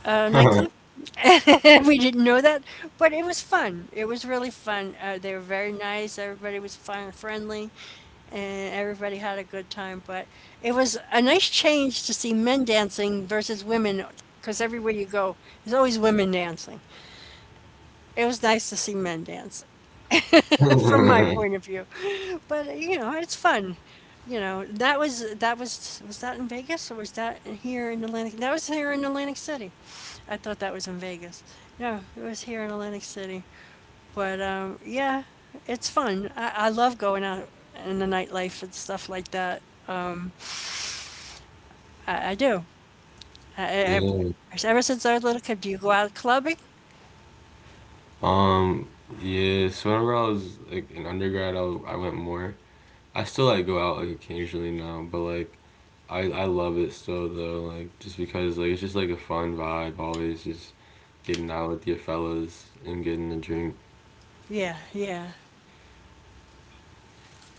a Yeah. nightclub. We didn't know that, but it was fun. It was really fun. They were very nice. Everybody was fun, friendly, and everybody had a good time. But it was a nice change to see men dancing versus women, because everywhere you go, there's always women dancing. It was nice to see men dance from my point of view. But you know, it's fun. You know, that was that in Vegas or was that here in Atlantic? That was here in Atlantic City. I thought that was in Vegas. No, it was here in Atlantic City. But yeah, it's fun. I love going out in the nightlife and stuff like that. Um, I do. I, I, Yeah. ever since I was little kid, do you go out clubbing? Um, yeah, so whenever I was like in undergrad, I went more. I still like go out like occasionally now, but like I love it still though, like just because like it's just like a fun vibe always just getting out with your fellas and getting a drink. Yeah, yeah,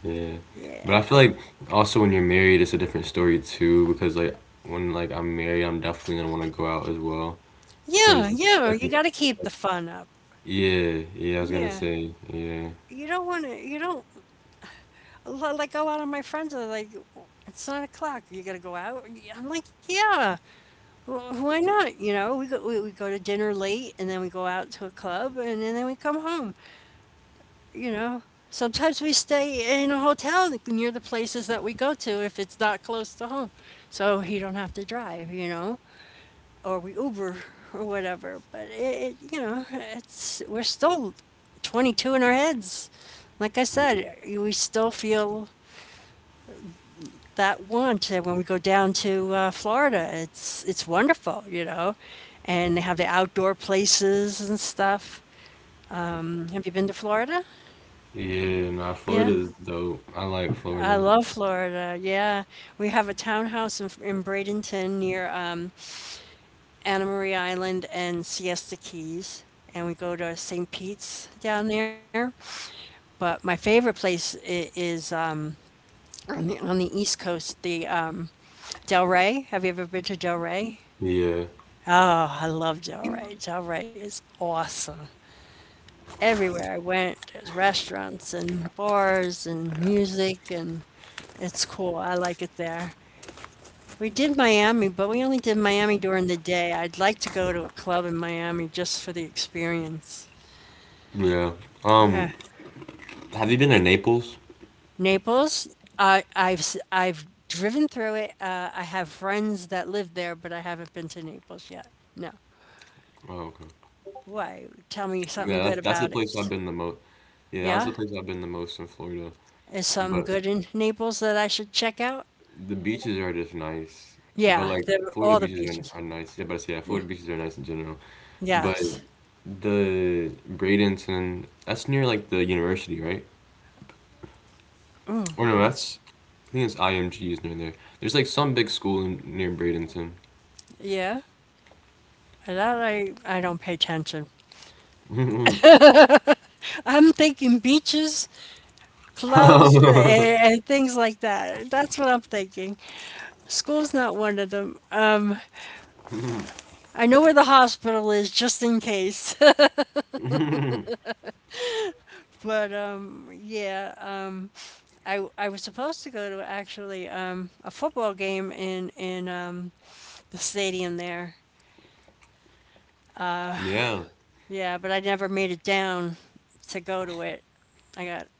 Yeah. But I yeah, feel like also when you're married, it's a different story too because like when like I'm married, I'm definitely gonna want to go out as well yeah, because it's yeah. like, You got to keep the fun up. yeah, yeah. I was gonna Yeah, say, yeah, you don't want to. You don't like a lot of my friends are like, "Oh, it's 9 o'clock. You got to go out. I'm like, yeah. Why not? You know, we go to dinner late, and then we go out to a club, and, then we come home. You know. Sometimes we stay in a hotel near the places that we go to if it's not close to home, so he don't have to drive. You know. Or we Uber or whatever. But you know, it's we're still 22 in our heads. Like I said, we still feel that want. And when we go down to Florida. It's wonderful, you know, and they have the outdoor places and stuff. Have you been to Florida? yeah. Nah, Yeah, Florida is dope. I like I Florida. love Florida. Yeah, we have a townhouse in, Bradenton near Anna Marie Island and Siesta Keys, and we go to St. Pete's down there. But my favorite place is on the East Coast, the Delray. Have you ever been to Delray? Yeah, Oh, I love Delray. Delray is awesome. Everywhere I went, there's restaurants and bars and music, and it's cool. I like it there. We did Miami, but we only did Miami during the day. I'd like to go to a club in Miami just for the experience. yeah. Uh, Um, have you been to Naples? Naples, I've I've driven through it. I have friends that live there, but I haven't been to Naples yet. No. Oh, okay. Why? Tell me something Yeah, good that's the about place I've it. been the most. Yeah, that's the Yeah? place I've been the most in Florida. Is something But good in Naples that I should check out? the beaches are just nice, but Yeah, like all Florida the beaches beaches. are nice. Yeah, but I see, yeah, Y- Florida beaches are nice in general. But Yes. the Bradenton, that's near like the university, right? Or no, that's I think it's IMG is near there. There's like some big school near Bradenton. Yeah. And that I don't pay attention. I'm thinking beaches, clubs, and, things like that. That's what I'm thinking. School's not one of them. I know where the hospital is just in case. But I was supposed to go to actually a football game in the stadium there. Yeah. Yeah, but I never made it down to go to it. I got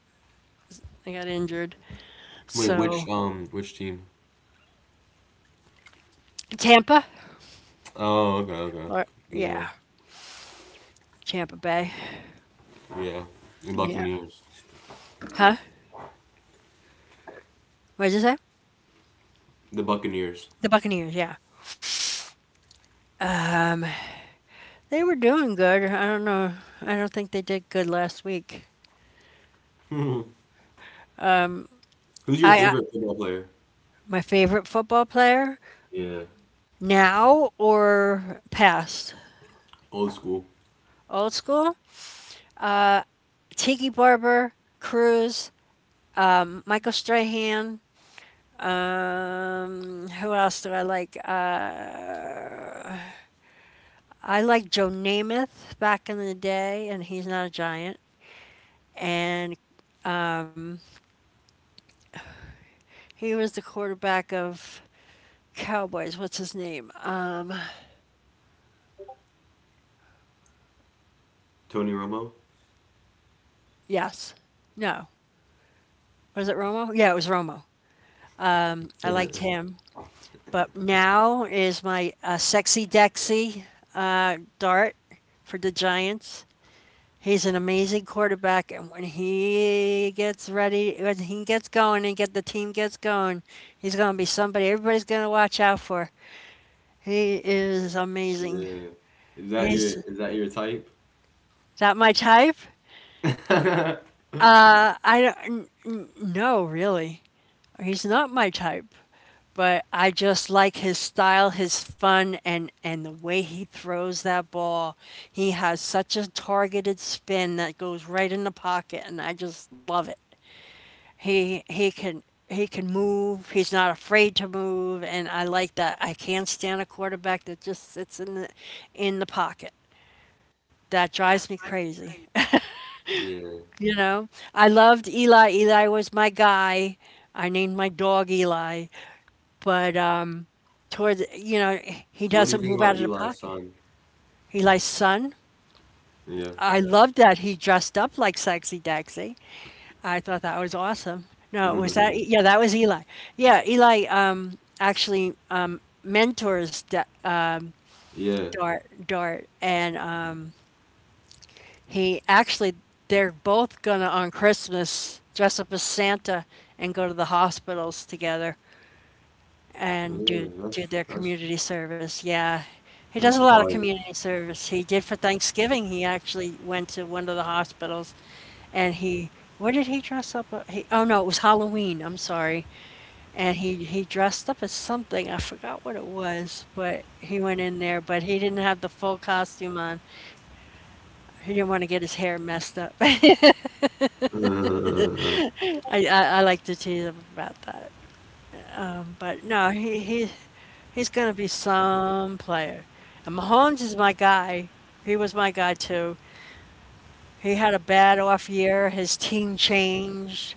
I got injured. Wait, So which team? Tampa Oh, okay, okay. or Yeah, yeah, Tampa Bay. yeah. The Yeah. Buccaneers. Huh? What did you say? The Buccaneers. The Buccaneers. Yeah, they were doing good. I don't know. I don't think they did good last week. Who's your I favorite football player? my favorite football player Yeah, now or past. old school. Old school, Tiki Barber, Cruz, Michael Strahan. Who else do I like? I like Joe Namath back in the day, and he's not a giant. And um, he was the quarterback of Cowboys. What's his name? Tony Romo? Yes. No. Was it Romo? Yeah, it was Romo. I liked him. But now is my sexy Dexy Dart for the Giants. He's an amazing quarterback, and when he gets going and get the team gets going, he's going to be somebody everybody's going to watch out for. He is amazing. Yeah. Is that your He's is is that your type? that my type? I don't n- n- No, really. He's not my type, but I just like his style, his fun, and the way he throws that ball. He has such a targeted spin that goes right in the pocket, and I just love it. He he can he can move. He's not afraid to move, and I like that. I can't stand a quarterback that just sits in the pocket. That drives me crazy. Yeah. You know, I loved Eli. Eli was my guy. I named my dog Eli. But toward you know he So what do you doesn't think move about out of the Eli's pocket. son? He likes sun. Yeah. I loved that he dressed up like Sexy Daxy. I thought that was awesome. No, was that E, yeah? That was Eli. Yeah, Eli um, actually um, mentors da- um, Yeah. Dart Dart, and he actually they're both gonna on Christmas dress up as Santa and go to the hospitals together. And Yeah, do that's their that's community service. Yeah, he does that's a lot of fire. community service. He did for Thanksgiving. He actually went to one of the hospitals, and he what did he dress up? A- He oh no, it was Halloween. I'm sorry, and he dressed up as something. I forgot what it was, but he went in there, but he didn't have the full costume on. He didn't want to get his hair messed up. Uh, I I like to tease him about that, but no, he's going to be some player. And Mahomes is my guy. He was my guy too. He had a bad off year. His team changed.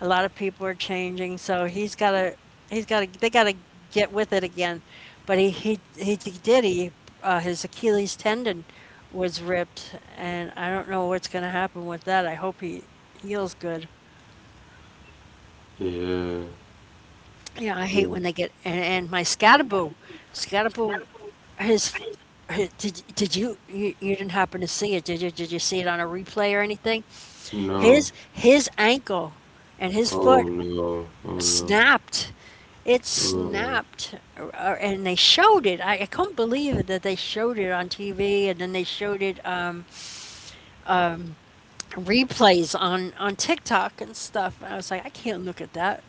A lot of people are changing, so he's got to they got to get with it again. But he his Achilles tendon was ripped, and I don't know what's going to happen with that. I hope he heals good. Yeah Yeah, I hate Yeah. when they get and my Scadaboo, Scadaboo, his, his did you, you you didn't happen to see it? Did you see it on a replay or anything? No. His ankle and his Oh foot no. Oh no. snapped. It Oh snapped, and they showed it. I couldn't believe that they showed it on TV, and then they showed it replays on TikTok and stuff. And I was like, I can't look at that.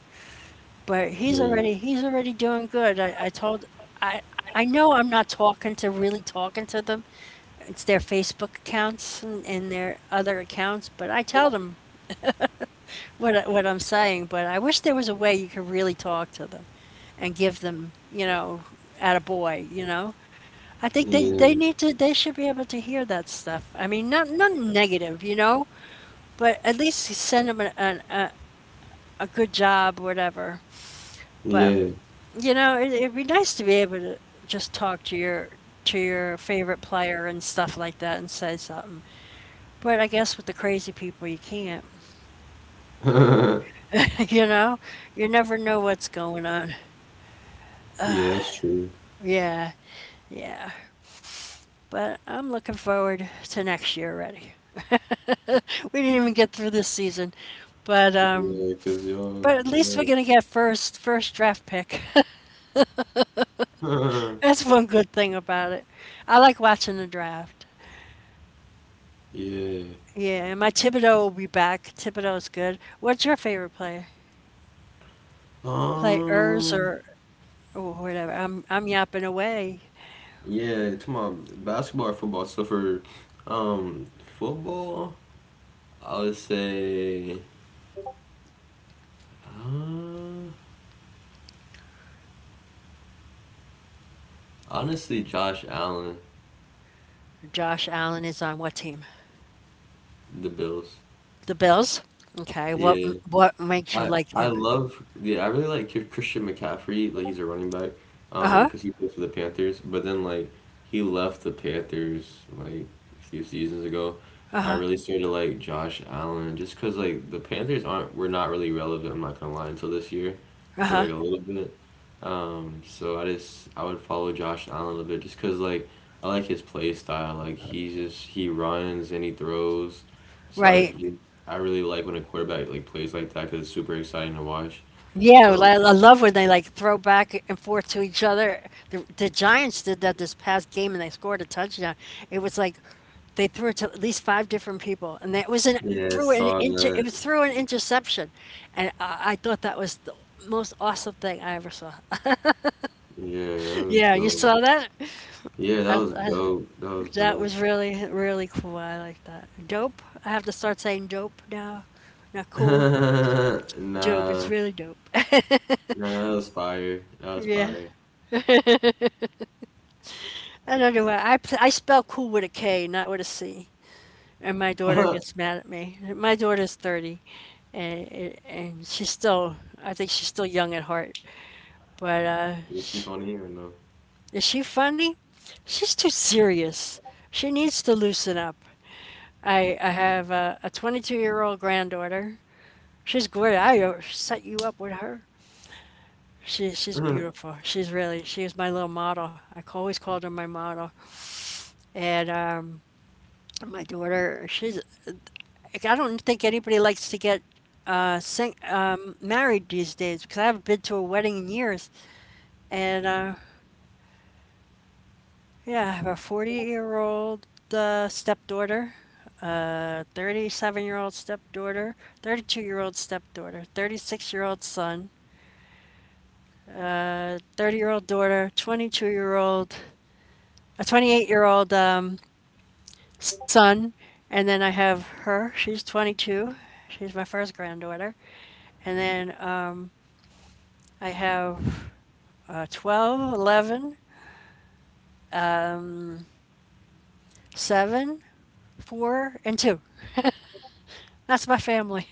But he's yeah. already he's already doing good. I I know I'm not talking to really talking to them. It's their Facebook accounts and their other accounts, but I tell them what I'm saying. But I wish there was a way you could really talk to them and give them, at a boy, I think Yeah. they need to they should be able to hear that stuff. I mean, not not negative, you know, but at least send them a a good job, whatever. But Yeah. you know, it'd be nice to be able to just talk to your favorite player and stuff like that and say something. But I guess with the crazy people, you can't. You know, you never know what's going on. Yeah, that's true. Yeah, yeah. But I'm looking forward to next year already. We didn't even get through this season, but um, Yeah, because 'cause y'all, but at least we're gonna get first draft pick. yeah. That's one good thing about it. I like watching the draft. Yeah. Yeah, and my Thibodeau will be back. Thibodeau is good. What's your favorite player? Players Um or whatever. I'm yapping away. Yeah to my basketball or football. So for um football, I would say uh, honestly Josh Allen, Josh Allen is on what team? the Bills. The Bills. Okay. What Yeah, what makes you I like I him? love, yeah, I really like Christian McCaffrey, like he's a running back Uh huh. because he played for the Panthers, but then like he left the Panthers like a few seasons ago. Uh I huh. really started to like Josh Allen just because like the Panthers aren't were not really relevant, I'm not gonna lie, until this year Uh for huh. like a little bit, so I would follow Josh Allen a little bit just because like I like his play style, like he just he runs and he throws, so Right. I really like when a quarterback like plays like that because it's super exciting to watch. Yeah, well, So I love when they like throw back and forth to each other. The Giants did that this past game, and they scored a touchdown. It was like they threw it to at least five different people, and that was an yeah, I saw it that. was through an interception, and I thought that was the most awesome thing I ever saw. Yeah, that was Yeah, you dope. saw that? Yeah, that I was I dope. That was that dope. was really, really cool, I like that. Dope? I have to start saying dope now. Not cool, dope, it's Nah, really dope. nah, that was fire. That was Yeah. fire. I don't know why, I spell cool with a K, not with a C, and my daughter gets mad at me. My daughter's 30, and she's still, I think she's still young at heart, but, Is she funny or no? is she funny? She's too serious. She needs to loosen up. I have a 22-year-old granddaughter. She's great. I, set you up with her. She's beautiful. She's really, she was my little model. I always called her my model. And my daughter, she's, like, I don't think anybody likes to get married these days because I haven't been to a wedding in years. And yeah, I have a 40-year-old stepdaughter, a 37-year-old stepdaughter, 32-year-old stepdaughter, 36-year-old son, a 30-year-old daughter, 22 year old a 28-year-old son, and then I have her. She's 22. She's my first granddaughter. And then I have 12, 11, 7, 4, and 2. That's my family.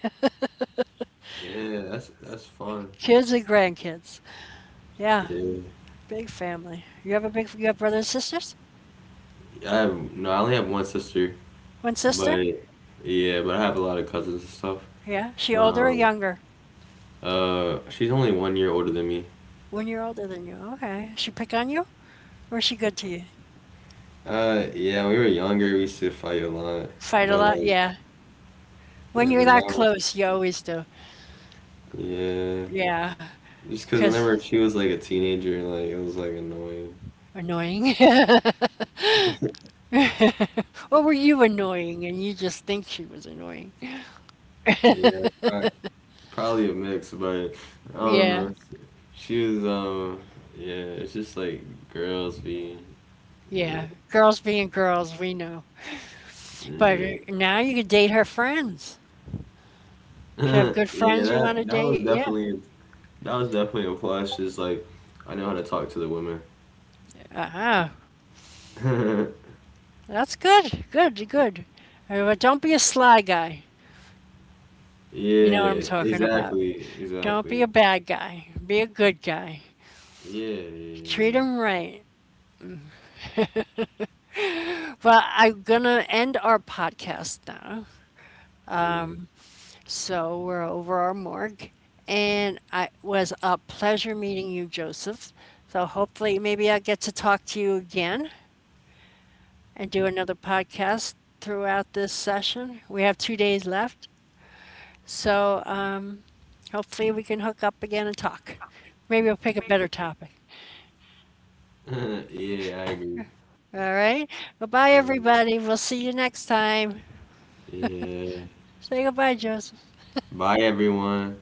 Yeah, that's fun. Kids and grandkids. Yeah, Yeah, big family. You have a big, you have brothers and sisters? I have no. I only have one sister, One sister? but yeah, but I have a lot of cousins and stuff. Yeah. She older or Um, younger? she's only one year older than me. One year older than you. Okay. She pick on you? Or is she good to you? Yeah, we were younger, we used to fight a lot, Fight a but lot? like, Yeah. yeah, When but you're that now, close, you always do. yeah, Yeah. just because Because whenever she was like a teenager, like it was like annoying. annoying. What, were you annoying? And you just think she was annoying. Yeah, probably a mix, but I don't Yeah, know. She was, um, yeah, it's just like girls be, yeah, yeah. Girls being girls, we know. But yeah. now you can date her friends. She have good Yeah, friends you that want to that was date. Yeah. definitely that was definitely a plus. Just like I know how to talk to the women. Uh-huh. That's good. Good, good. But don't be a sly guy. You know what I'm Yeah, talking about. exactly, Don't be exactly. a bad guy. Be a good guy. Yeah, Treat yeah, him right. Well, I'm gonna end our podcast now. yeah, So we're over our morgue. And it was a pleasure meeting you, Joseph. So hopefully, maybe I'll get to talk to you again and do another podcast throughout this session. We have 2 days left. So hopefully, we can hook up again and talk. Maybe we'll pick a better topic. yeah. Yeah, I agree. All right. Goodbye, Um, everybody. We'll see you next time. yeah. Say goodbye, Joseph. Bye, everyone.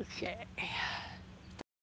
Okay. Stop.